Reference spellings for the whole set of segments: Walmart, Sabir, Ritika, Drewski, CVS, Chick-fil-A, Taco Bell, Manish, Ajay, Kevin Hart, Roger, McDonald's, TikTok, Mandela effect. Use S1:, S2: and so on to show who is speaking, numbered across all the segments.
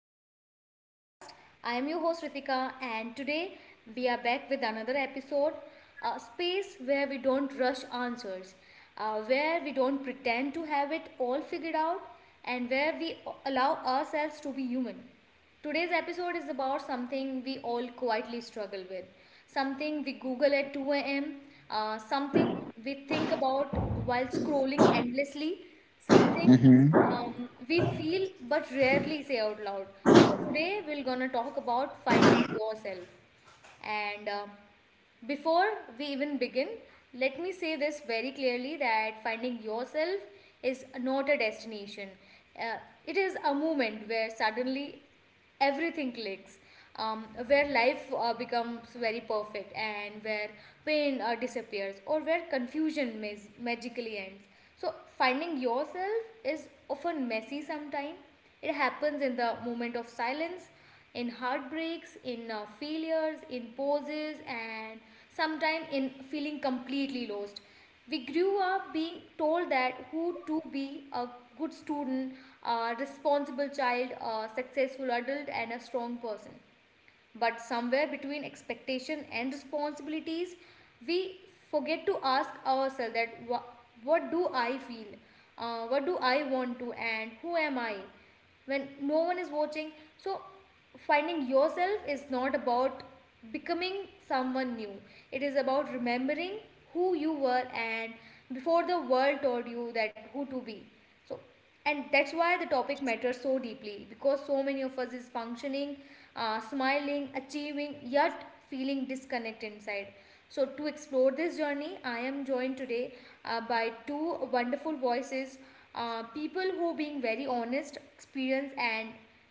S1: welcome to the podcast. I am your host Ritika, and today we are back with another episode, a space where we don't rush answers, where we don't pretend to have it all figured out, and where we allow ourselves to be human. Today's episode is about something we all quietly struggle with, something we Google at 2 a.m., something we think about while scrolling endlessly, something
S2: Hmm.
S1: we feel but rarely say out loud. So today we're gonna talk about finding yourself. And Before we even begin, let me say this very clearly that finding yourself is not a destination. Uh, it is a moment where suddenly everything clicks, where life becomes very perfect, and where pain disappears, or where confusion magically ends. So finding yourself is often messy sometimes. It happens in the moment of silence, in heartbreaks, in failures, in poses, and sometimes in feeling completely lost. We grew up being told that who to be: a good student, a responsible child, a successful adult, and a strong person. But somewhere between expectation and responsibilities, we forget to ask ourselves that what do I feel, what do I want to, and who am I when no one is watching? So finding yourself is not about becoming someone new. It is about remembering who you were, and before the world told you that who to be. So, and that's why the topic matters so deeply, because so many of us is functioning, smiling, achieving, yet feeling disconnect inside. So, to explore this journey, I am joined today by two wonderful voices, people who being very honest, experience, and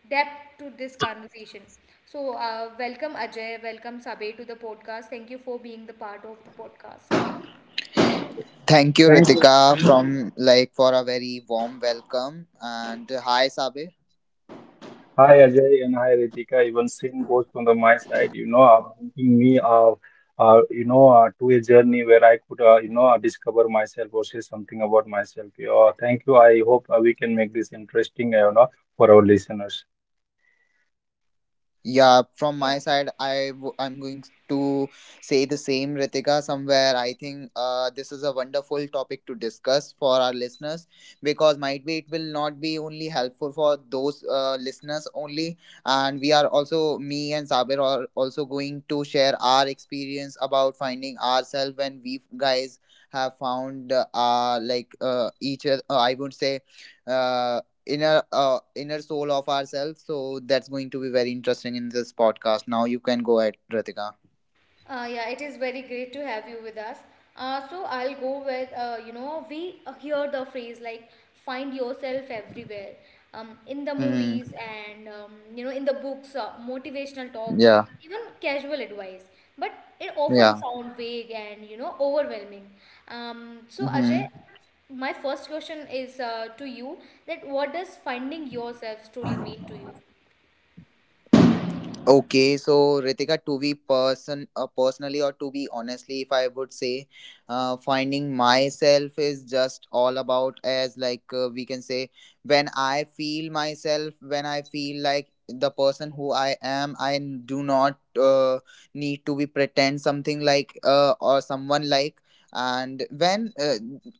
S1: depth to this conversation. So, welcome Ajay, welcome Sabe to the podcast. Thank you for being the part of the podcast.
S2: Thank you,
S3: Thank you.
S2: Ritika, from like for a very warm welcome. And hi, Sabe.
S3: Hi Ajay and hi Ritika. Even same goes from the my side. Bringing me to a journey where I could discover myself or say something about myself. Yeah, thank you. I hope we can make this interesting, for our listeners.
S2: Yeah, from
S1: Yeah.
S2: my side, I'm going to say the same, Ritika. Somewhere, I think this is a wonderful topic to discuss for our listeners because might be it will not be only helpful for those listeners only, and we are also me and Sabir are also going to share our experience about finding ourselves when we guys have found each other, I would say. uh, Inner inner soul of ourselves. So that's going to be very interesting in this podcast. Now you can go ahead, Ritika.
S1: Yeah, it is very great to have you with us. So I'll go with you know, we hear the phrase like find yourself everywhere, in the
S2: Hmm.
S1: movies, and you know, in the books, motivational talks,
S2: Yeah.
S1: even casual advice. But it often
S2: Yeah.
S1: sounds vague and you know overwhelming. So Ajay,
S2: Mm-hmm.
S1: my first question is to you that what does finding yourself truly mean to you?
S2: Okay, so Ritika, to be person personally or to be honestly, if I would say, finding myself is just all about as like we can say when I feel myself, when I feel like the person who I am, I do not need to be pretend something like or someone like. And when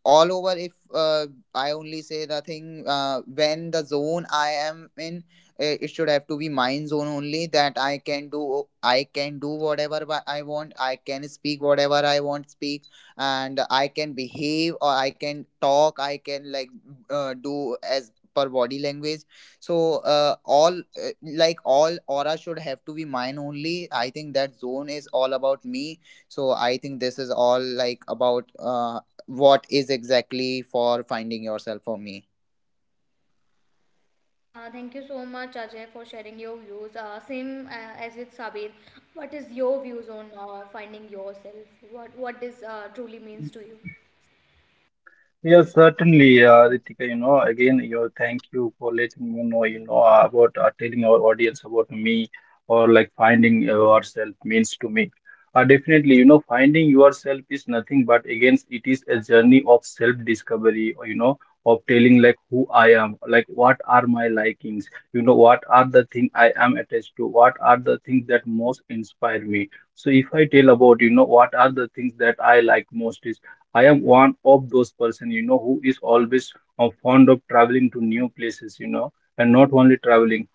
S2: all over, if I only say the thing, when the zone I am in it should have to be my zone only, that I can do, I can do whatever I want, I can speak whatever I want speak, and I can behave or I can talk, I can like do as per body language. So all like all aura should have to be mine only. I think that zone is all about me. So I think this is all like about what is exactly for finding yourself for me.
S1: Thank you so much, Ajay, for sharing your views. Same as with Sabir, what is your views on finding yourself? What this truly means to you?
S3: Yes, certainly, Ritika, again, you thank you for letting me know, about telling our audience about me or like finding yourself means to me. Definitely, finding yourself is nothing but, again, it is a journey of self-discovery, or, of telling like who I am, like what are my likings, what are the thing I am attached to, what are the things that most inspire me. So if I tell about what are the things that I like most, I am one of those person, who is always fond of traveling to new places, and not only traveling,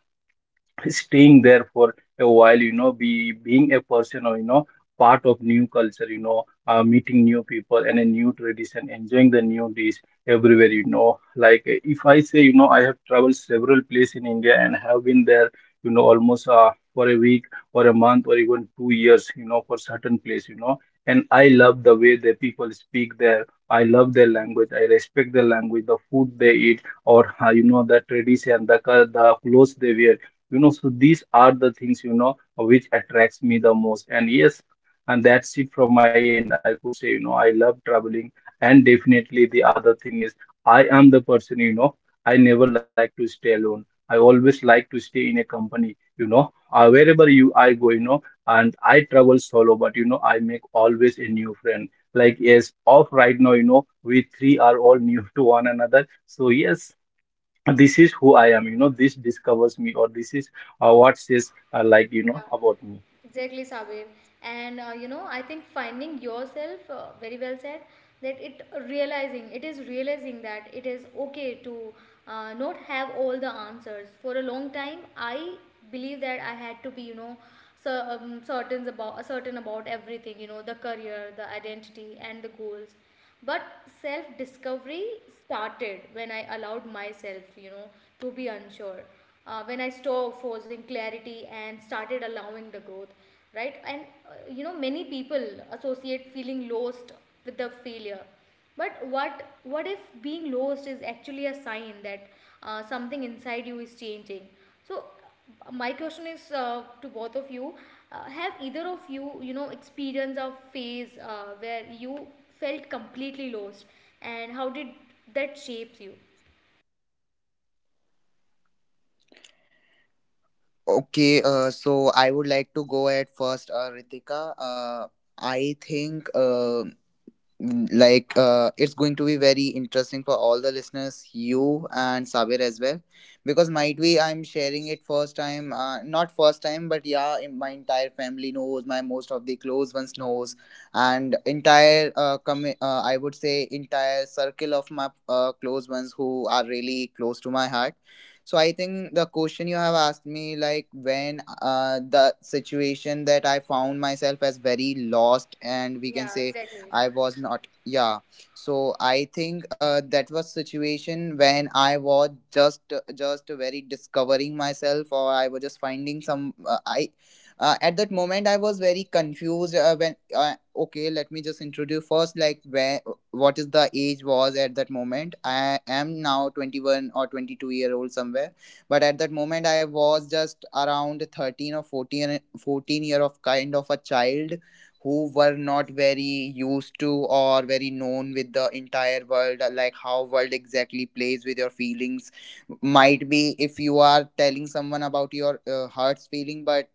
S3: staying there for a while, be being a person, or part of new culture, meeting new people and a new tradition, enjoying the new dish everywhere, like, if I say, I have traveled several places in India and have been there almost for a week or a month or even 2 years, for certain place, and I love the way the people speak there. I love their language, I respect their language, the food they eat, or the tradition, the clothes they wear. So these are the things, which attracts me the most. And yes, and that's it from my end, I could say, I love traveling. And definitely, the other thing is, I am the person, I never like to stay alone, I always like to stay in a company, wherever you I go. And I travel solo, but I make always a new friend. Like, yes, of right now, we three are all new to one another. So yes, this is who I am, this discovers me, or this is what says like, about me.
S1: Exactly, Sabir. And you know, I think finding yourself very well said. That it realizing, it is realizing that it is okay to not have all the answers. For a long time, I believe that I had to be, you know, so certain about everything. You know, the career, the identity, and the goals, but self discovery started when I allowed myself, you know, to be unsure, when I stopped forcing clarity and started allowing the growth, right? And you know, many people associate feeling lost with the failure. But what if being lost is actually a sign that something inside you is changing? So my question is to both of you: have either of you, you know, experience a phase where you felt completely lost, and how did that shapes you?
S2: Okay, so I would like to go at first, Ritika. I think mm, like it's going to be very interesting for all the listeners, you and Sabir as well, because might be I'm sharing it first time, not first time, but yeah, my entire family knows, my most of the close ones knows, and entire I would say entire circle of my close ones who are really close to my heart. So I think the question you have asked me, like when the situation that I found myself as very lost, and we can
S1: Yeah,
S2: say
S1: exactly.
S2: I was not. Yeah. So I think that was situation when I was just very discovering myself, or I was just finding some. I At that moment I was very confused. When Okay, let me just introduce first, like where what is the age was at that moment. I am now 21 or 22 year old somewhere, but at that moment I was just around 13 or fourteen year of kind of a child who were not very used to or very known with the entire world, like how world exactly plays with your feelings. Might be if you are telling someone about your heart's feeling, but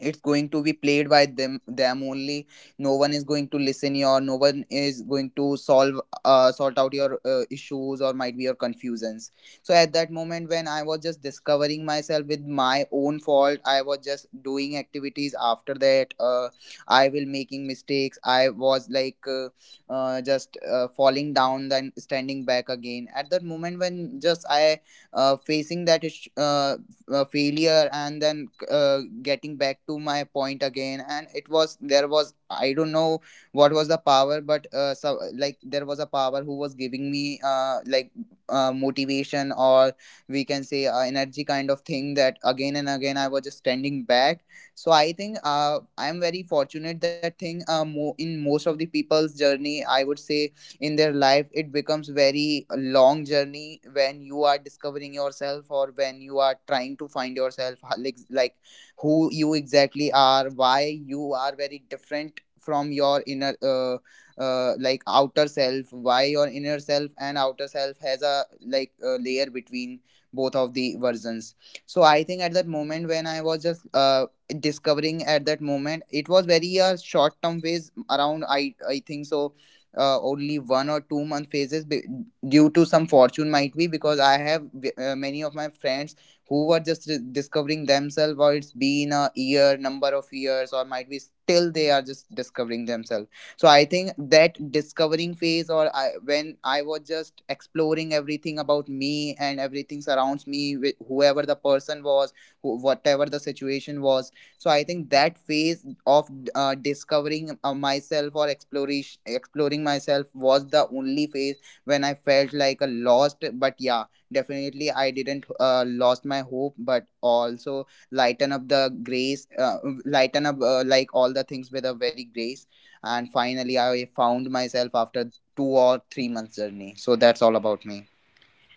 S2: it's going to be played by them only. No one is going to listen you, or no one is going to solve sort out your issues or might be your confusions. So at that moment when I was just discovering myself with my own fault, I was just doing activities after that. I will making mistakes, I was like just falling down then standing back again. At that moment when just I facing that issue, failure, and then getting back to my point again, and it was there was, I don't know what was the power, but so like there was a power who was giving me motivation or we can say energy kind of thing, that again and again I was just standing back. So I think I am very fortunate that thing, in most of the people's journey I would say, in their life it becomes very long journey when you are discovering yourself or when you are trying to find yourself, like who you exactly are, why you are very different from your inner like outer self, why your inner self and outer self has a like a layer between both of the versions. So I think at that moment when I was just discovering, at that moment it was very a short term phase, around I think so only 1 or 2 month phases due to some fortune. Might be because I have many of my friends who were just discovering themselves, or it's been a year, number of years, or might be still they are just discovering themselves. So I think that discovering phase, or I, when I was just exploring everything about me and everything surrounds me, with whoever the person was, who, whatever the situation was. So I think that phase of discovering myself or exploration, exploring myself, was the only phase when I felt like a lost. But yeah, definitely I didn't lost my hope, but also lighten up the grace, lighten up like all the things with a very grace, and finally I found myself after 2 or 3 months journey. So that's all about me.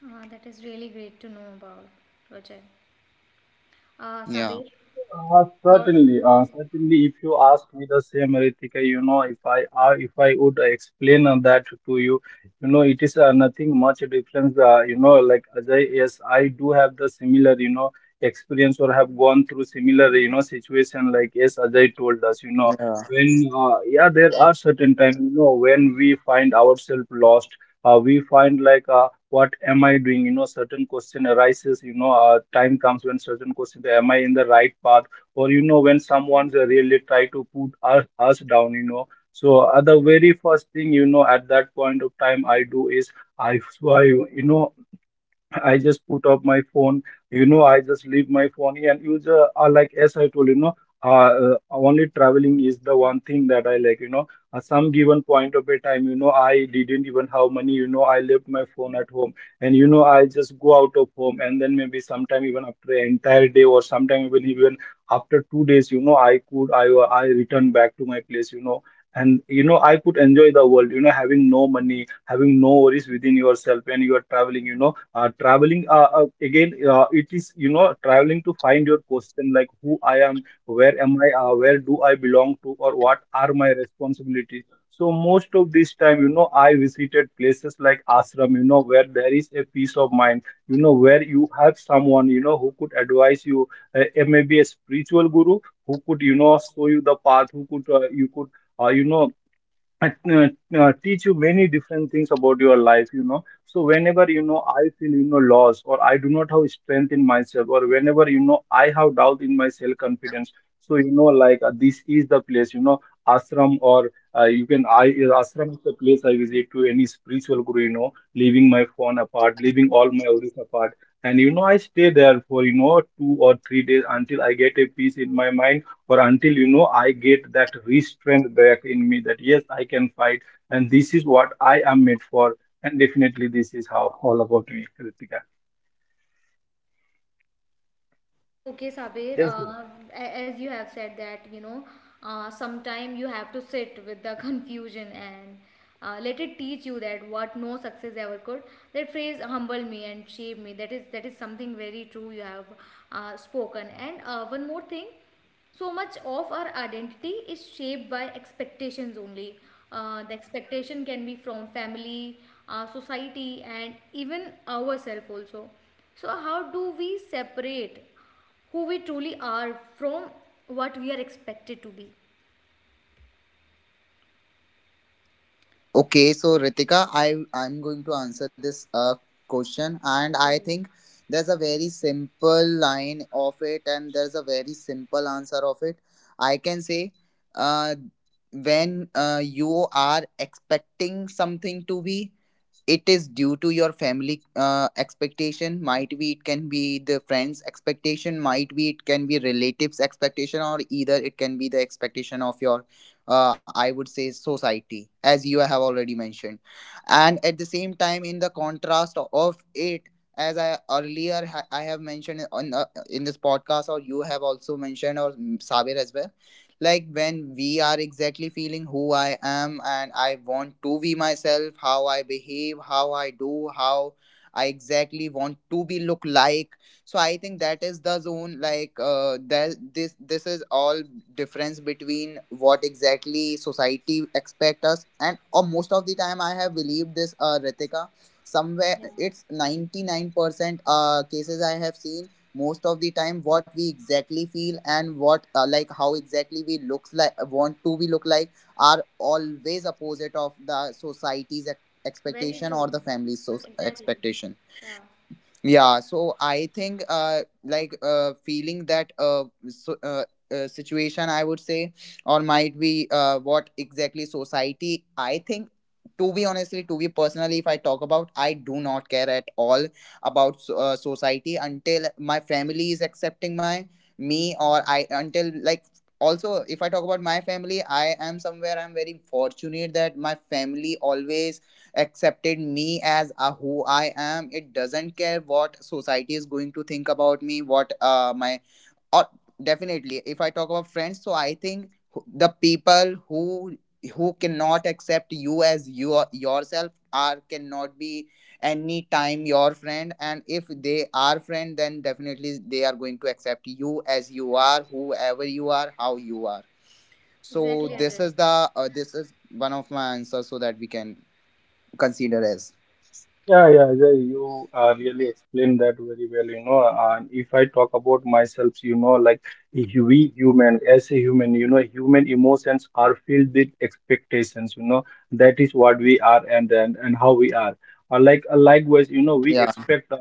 S1: That is really great to know about, Roger.
S2: Yeah.
S1: Sabir,
S3: Uh,
S1: your...
S3: certainly, uh, certainly. If you ask me the same, Ritika, if I would explain that to you, it is nothing much difference. Like Ajay, yes, I do have the similar, experience, or have gone through similar, situation. Like yes, Ajay told us,
S2: Yeah.
S3: when, yeah, there are certain times, when we find ourselves lost. We find, like, what am I doing? Certain question arises. Time comes when certain question: am I in the right path? Or when someone's really try to put us down. The very first thing, at that point of time, I do is I swear. I just put up my phone, I just leave my phone here and use, like, as I told you, know, only traveling is the one thing that I like, at some given point of a time, I didn't even have money, I left my phone at home, and, I just go out of home, and then maybe sometime even after an entire day, or sometime even after 2 days, I could, I return back to my place. And I could enjoy the world, having no money, having no worries within yourself when you are traveling. Traveling, again, it is, traveling to find your question, like who I am, where am I, where do I belong to, or what are my responsibilities. So most of this time, I visited places like ashram, where there is a peace of mind, where you have someone, who could advise you, uh, maybe a spiritual guru, who could, show you the path, who could, uh, you know I, uh, teach you many different things about your life, so whenever, I feel, lost, or I do not have strength in myself, or whenever, I have doubt in my self confidence. So, like, this is the place, ashram, or, you can I ashram is the place I visit, to any spiritual guru, leaving my phone apart, leaving all my worries apart, and I stay there for, 2 or 3 days, until I get a peace in my mind. For until, I get that restraint back in me, that yes, I can fight, and this is what I am made for. And definitely, this is how all about me, Ritika.
S1: Oh, okay, Sabir.
S3: Yes.
S1: As you have said that, you know, sometime you have to sit with the confusion and let it teach you that what no success ever could. That phrase humble me and shape me. That is something very true you have spoken. And one more thing, so much of our identity is shaped by expectations only. The expectation can be from family, society, and even ourselves also. So, how do we separate who we truly are from what we are expected to be?
S2: Okay, so Ritika, I I'm going to answer this question, and I
S1: Right.
S2: think there's a very simple line of it, and there's a very simple answer of it. I can say, uh, when you are expecting something to be, it is due to your family expectation, might be it can be the friends expectation, might be it can be relatives expectation, or either it can be the expectation of your I would say society, as you have already mentioned. And at the same time in the contrast of it, as I earlier I have mentioned on in this podcast, or you have also mentioned, or Sabir as well, like when we are exactly feeling who I am and I want to be myself, how I behave, how I do, how I exactly want to be look like. So I think that is the zone. Like that this is all difference between what exactly society expect us, and or most of the time I have believed this Ritika, somewhere
S1: Yeah.
S2: it's 99% cases I have seen. Most of the time what we exactly feel and what like how exactly we looks like want to be look like are always opposite of the society's ex-
S1: Very
S2: expectation or
S1: true.
S2: the family's
S1: Exactly.
S2: expectation.
S1: Yeah.
S2: Yeah, so I think feeling that situation I would say, or might be what exactly society I think, to be honestly to be personally if I talk about, I do not care at all about society until my family is accepting my me or I, until like, also if I talk about my family, I am somewhere I'm very fortunate that my family always accepted me as a who I am. It doesn't care what society is going to think about me, what my or definitely if I talk about friends. So I think the people who cannot accept you as your yourself are cannot be any time your friend, and if they are friend, then definitely they are going to accept you as you are, whoever you are, how you are. So
S1: Exactly,
S2: this
S1: Ajay.
S2: is the this is one of my answers so that we can consider as.
S3: Yeah, yeah, Ajay, you really explained that very well. And if I talk about myself, like, we human, as a human, human emotions are filled with expectations. That is what we are, and how we are. Likewise, we
S2: Yeah,
S3: expect,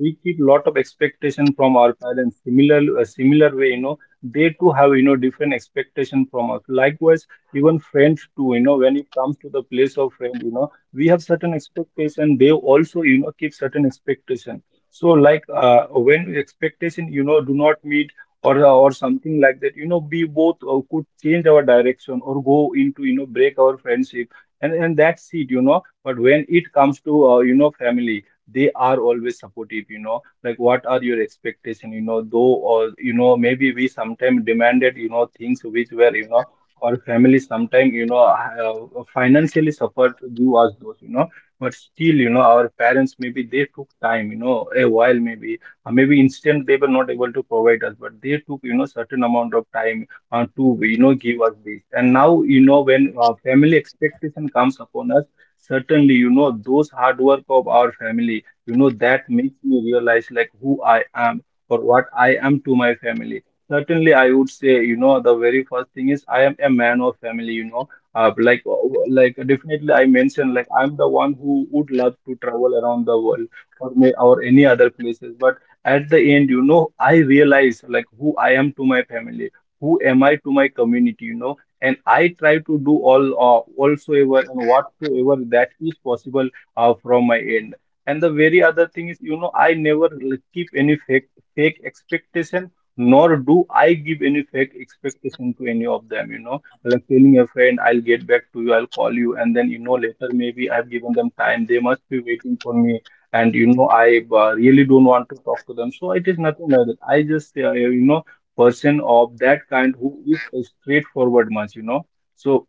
S3: we keep lot of expectation from our parents. Similar way, they too have, different expectation from us. Likewise, even friends too, when it comes to the place of friend, we have certain expectation, they also, keep certain expectation. So like, when expectation, do not meet, or something like that, we both, could change our direction, or go into, break our friendship, and that's it, but when it comes to, family, they are always supportive, like, what are your expectation, though, or maybe we sometimes demanded, things which were, or family sometimes, financially suffer you as those, but still, our parents, maybe they took time, a while, maybe instant they were not able to provide us, but they took, certain amount of time, to, give us this. And now, when, family expectation comes upon us, certainly, those hard work of our family, that makes me realize, like who I am, or what I am to my family. Certainly, I would say, the very first thing is I am a man of family, like definitely I mentioned, like I'm the one who would love to travel around the world, or may, or any other places. But at the end, I realize like who I am to my family, who am I to my community, and I try to do all, whatsoever and whatsoever that is possible, from my end. And the very other thing is, I never keep any fake expectation, nor do I give any fake expectation to any of them, like telling a friend, I'll get back to you, I'll call you, and then, later maybe I've given them time, they must be waiting for me, and, I really don't want to talk to them. So it is nothing like that. I just, person of that kind who is a straightforward much. So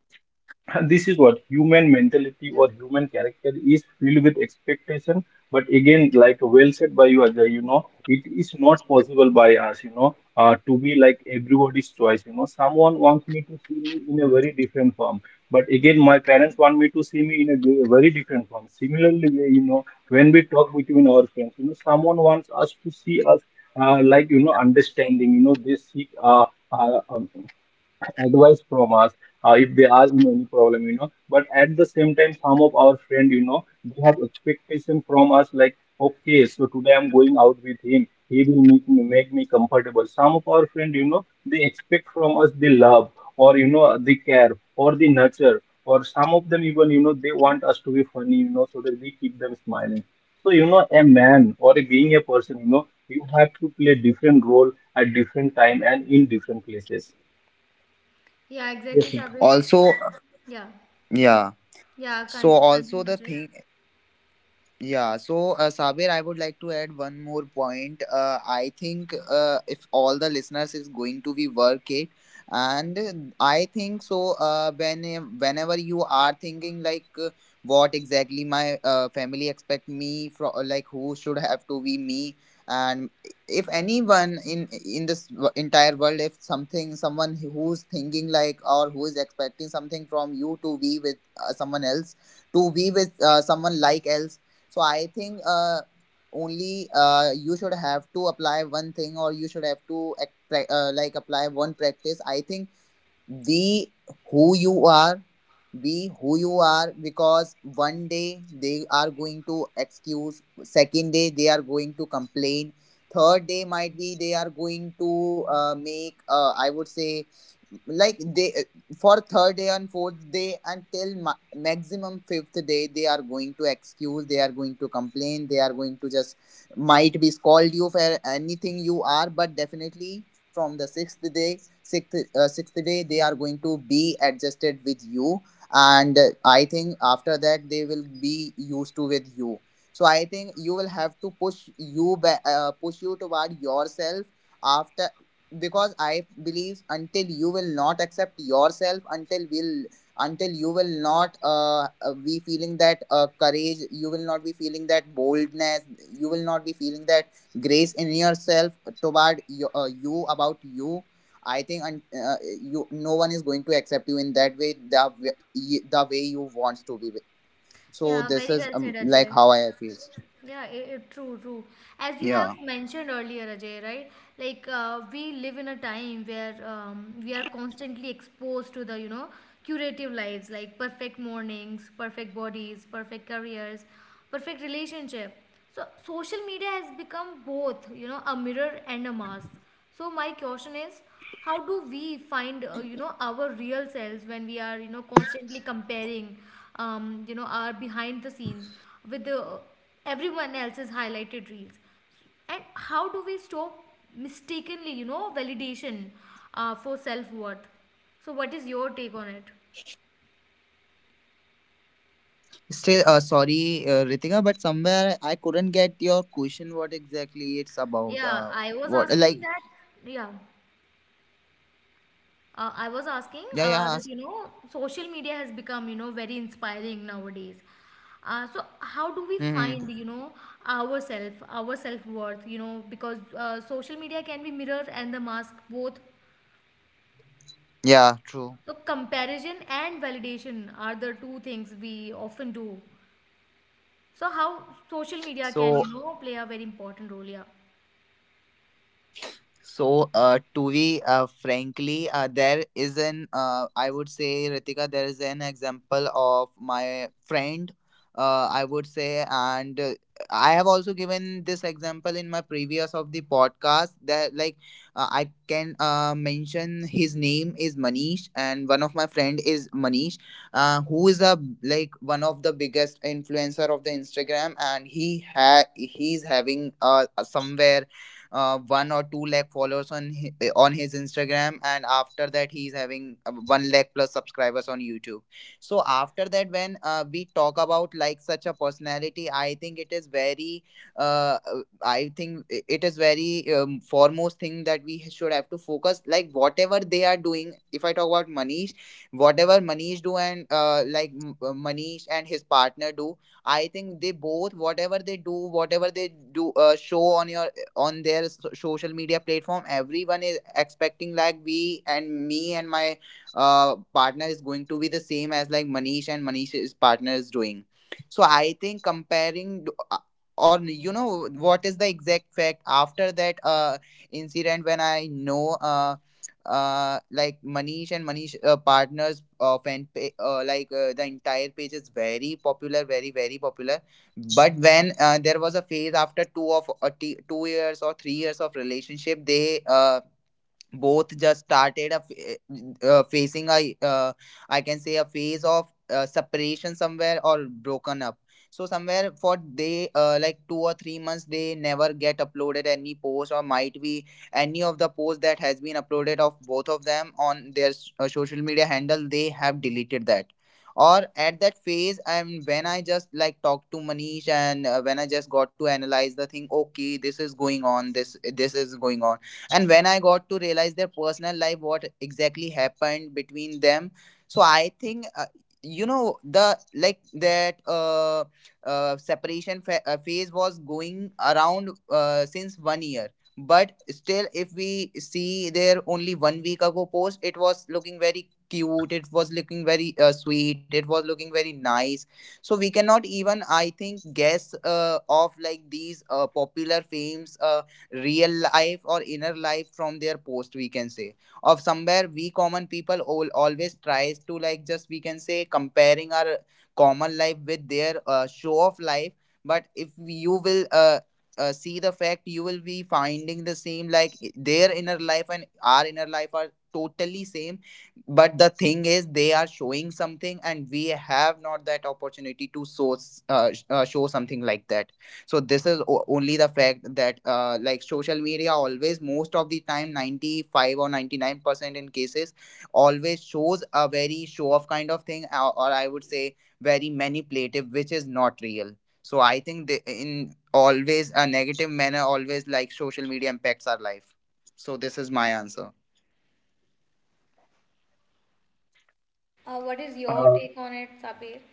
S3: and this is what human mentality or human character is filled with expectation, but again, like, well said by you, Ajay, you know, it is not possible by us, you know, to be like everybody's choice. You know, someone wants me to see me in a very different form, but again, my parents want me to see me in a very different form. Similarly way, you know, when we talk between our friends, you know, someone wants us to see us, like, you know, understanding, you know, they seek uh, um, advice from us, if they are in any problem, you know. But at the same time, some of our friend, you know, they have expectation from us, like, okay, so today I'm going out with him, he will make me comfortable. Some of our friend, you know, they expect from us the love, or you know, the care, or the nurture, or some of them even, you know, they want us to be funny, you know, so that we keep them smiling. So you know, a man or a, being a person, you know, you have to play different role at different time and in different places.
S1: Yeah, exactly, Sabir.
S2: also.
S1: Yeah.
S2: Yeah,
S1: Yeah,
S2: so also
S1: continue,
S2: the
S1: Ajay.
S2: thing. Yeah, so Sabir, I would like to add one more point. I think if all the listeners is going to be work it, and I think so. When whenever you are thinking like what exactly my family expect me from, like who should have to be me, and if anyone in this entire world, if something someone who's thinking like or who is expecting something from you to be with someone else, to be with someone like else, so I think only you should have to apply one thing or you should have to like apply one practice. I think we who you are, we who you are, because one day they are going to excuse, second day they are going to complain, third day might be they are going to make I would say, like they for third day and fourth day until maximum fifth day they are going to excuse, they are going to complain, they are going to just might be scold you for anything you are, but definitely from the sixth day, sixth day they are going to be adjusted with you. And I think after that they will be used to with you. So I think you will have to push you push you toward yourself after, because I believe until you will not accept yourself, until you will not be feeling that courage, you will not be feeling that boldness, you will not be feeling that grace in yourself toward you, you about you, I think you, no one is going to accept you in that way, the the way you want to be with. So
S1: Yeah,
S2: this
S1: very
S2: is
S1: well said,
S2: like
S1: Ajay.
S2: how I feel.
S1: Yeah, true, true.
S2: Yeah.
S1: As you have mentioned earlier, Ajay, right? Like we live in a time where we are constantly exposed to the you know curative lives, like perfect mornings, perfect bodies, perfect careers, perfect relationship. So social media has become both, you know, a mirror and a mask. So my question is, how do we find, you know, our real selves when we are, you know, constantly comparing you know, our behind the scenes with the everyone else's highlighted reels, and how do we stop mistakenly, you know, validation for self worth? So what is your take on it?
S2: Still, sorry, Ritika, but somewhere I couldn't get your question. What exactly it's about?
S1: Yeah, I was
S2: What
S1: asking
S2: like?
S1: that. Yeah. I was asking
S2: Yeah, yeah. Ask.
S1: that, you know, social media has become you know very inspiring nowadays. So how do we find,
S2: Mm-hmm.
S1: you know, ourself, our self worth? You know, because social media can be mirror and the mask both.
S2: Yeah. True.
S1: So comparison and validation are the two things we often do. So how social media can,
S2: So
S1: you know, play a very important role? Yeah.
S2: So, to be frankly, there is an I would say Ritika, there is an example of my friend. I would say, and I have also given this example in my previous of the podcast that like I can mention his name is Manish, and one of my friend is Manish, who is a like one of the biggest influencer of the Instagram, and he's having somewhere one or two lakh followers on on his Instagram, and after that he is having one lakh plus subscribers on YouTube. So after that, when we talk about like such a personality, I think it is very, I think it is very foremost thing that we should have to focus. Like whatever they are doing, if I talk about Manish, whatever Manish do and Manish and his partner do, I think they both whatever they do show on your on their social media platform, everyone is expecting like we and me and my partner is going to be the same as like Manish and Manish's partner is doing. So I think or you know what is the exact fact after that incident when I know like Manish and Manish partners like the entire page is very popular, very popular, but when there was a phase after 2 years or 3 years of relationship, they both just started facing a I can say a phase of separation somewhere, or broken up. So somewhere for they like 2 or 3 months they never get uploaded any post, or might be any of the posts that has been uploaded of both of them on their social media handle they have deleted that, or at that phase. And when I just like talked to Manish and when I just got to analyze the thing, okay, this is going on, this is going on, and when I got to realize their personal life, what exactly happened between them. So I think you know the like that separation phase was going around since 1 year, but still if we see their only one week ago post, it was looking very cute, it was looking very sweet, it was looking very nice. So we cannot even I think guess of like these popular fames real life or inner life from their post, we can say. Of somewhere we common people all, always tries to like just we can say comparing our common life with their show of life. But if you will see the fact, you will be finding the same, like their inner life and our inner life are totally same. But the thing is they are showing something and we have not that opportunity to show show something like that. So this is only the fact that like social media always most of the time 95 or 99% in cases always shows a very show off kind of thing, or I would say very manipulative, which is not real. So I think they, in always a negative manner always like social media impacts our life. So this is my answer.
S1: What is your
S3: Yes.
S1: take on it, Sabir?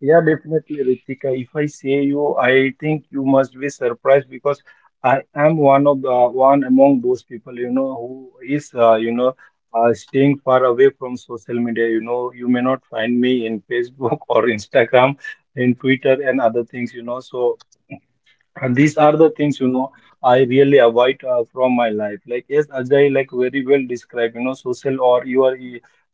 S3: Yeah, definitely, Ritika. If I say you, I think you must be surprised, because I am one of the one among those people, you know, who is, you know, staying far away from social media. You know, you may not find me in Facebook or Instagram, in Twitter and other things, you know. So and these are the things, you know, I really avoid from my life. Like, yes, Ajay, like very well described, you know, social or your,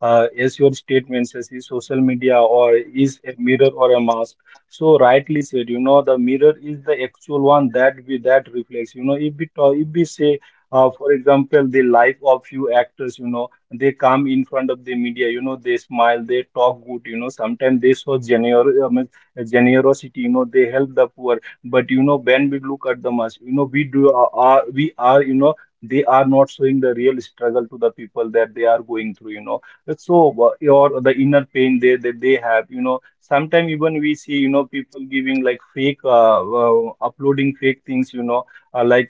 S3: as your statements, yes, is social media or is a mirror or a mask. So rightly said, you know, the mirror is the actual one that we that reflects, you know, if we talk, if we say, for example, the life of few actors, you know, they come in front of the media, you know, they smile, they talk good, you know, sometimes they show generous, I mean, generosity, you know, they help the poor. But you know, when we look at the mass, you know, we do we are, you know, they are not showing the real struggle to the people that they are going through, you know. So or the inner pain they that they have, you know. Sometimes even we see, you know, people giving like fake uploading fake things, you know, uh, like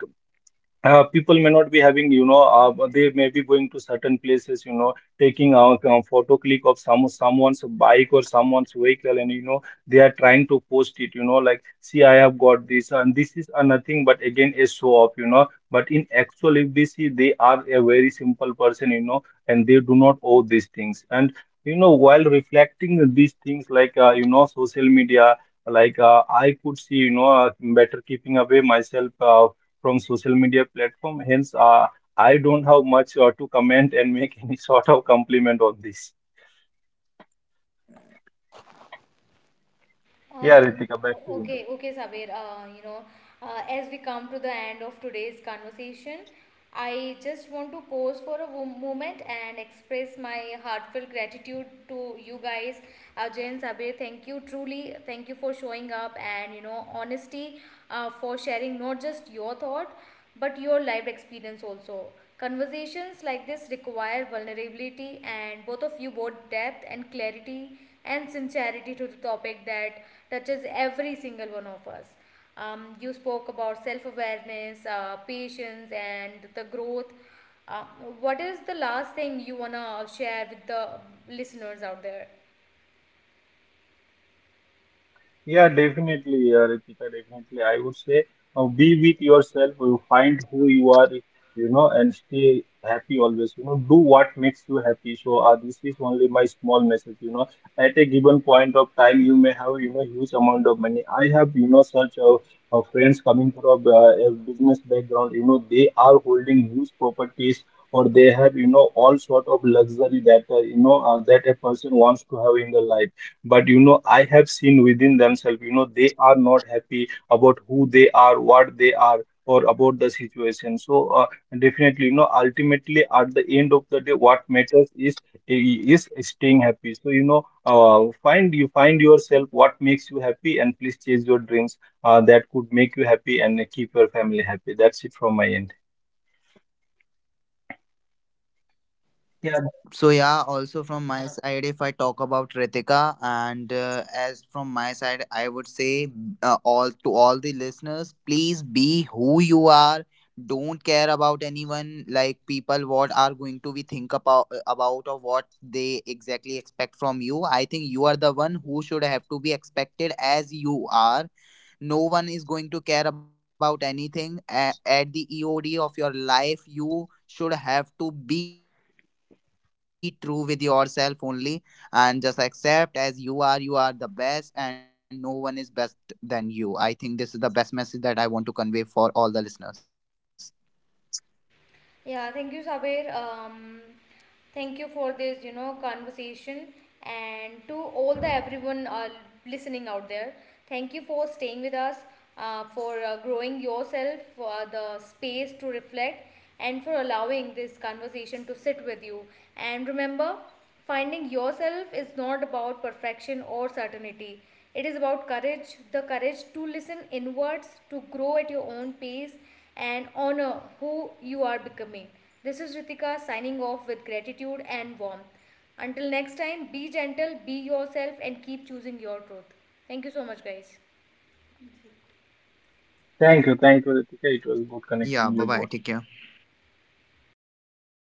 S3: people may not be having, you know, they may be going to certain places, you know, taking a, photo click of some someone's bike or someone's vehicle, and you know, they are trying to post it, you know, like, see, I have got this, and this is nothing but again a show off, you know. But in actual, if we see, they are a very simple person, you know, and they do not owe these things. And you know, while reflecting these things, like you know, social media. Like I could see, you know, better keeping away myself from social media platform. Hence, I don't have much to comment and make any sort of compliment on this. Yeah,
S1: Um,
S3: Ritika, back to you now.
S1: okay, okay, Sabir. You know, as we come to the end of today's conversation, I just want to pause for a moment and express my heartfelt gratitude to you guys, Ajay and Sabir. Thank you truly. Thank you for showing up and you know honesty, for sharing not just your thought but your lived experience also. Conversations like this require vulnerability, and both of you brought depth and clarity and sincerity to the topic that touches every single one of us. You spoke about self awareness, patience, and the growth. Uh, what is the last thing you want to share with the listeners out there?
S3: Yeah, definitely, Ritika, definitely. I would say, be with yourself, you find who you are, you know, and stay happy always. You know, do what makes you happy. So, this is only my small message. You know, at a given point of time, you may have, you know, huge amount of money. I have, you know, such friends coming from a business background. You know, they are holding huge properties. Or they have, you know, all sort of luxury that you know that a person wants to have in their life. But you know, I have seen within themselves, you know, they are not happy about who they are, what they are, or about the situation. So definitely, you know, ultimately, at the end of the day, what matters is staying happy. So you know, find you find yourself what makes you happy, and please chase your dreams that could make you happy, and keep your family happy. That's it from my end. Yeah,
S2: So yeah, also from my side, if I talk about Ritika, and as from my side, I would say all to all the listeners, please be who you are. Don't care about anyone like people what are going to be think about or what they exactly expect from you. I think you are the one who should have to be expected as you are. No one is going to care about anything. At the eod of your life you should have to be true with yourself only, and just accept as you are. You are the best and no one is best than you. I think this is the best message that I want to convey for all the listeners.
S1: Yeah, thank you, Sabir. Thank you for this, you know, conversation, and to all the everyone listening out there, thank you for staying with us, for growing yourself, for the space to reflect, and for allowing this conversation to sit with you. And remember, finding yourself is not about perfection or certainty. It is about courage, the courage to listen inwards, to grow at your own pace, and honor who you are becoming. This is Ritika signing off with gratitude and warmth. Until next time, be gentle, be yourself, and keep choosing your truth. Thank you so much, guys.
S2: Yeah, bye
S3: thank
S2: bye,
S3: you,
S2: take
S3: Ritika.
S2: care.
S3: It was good connecting you both.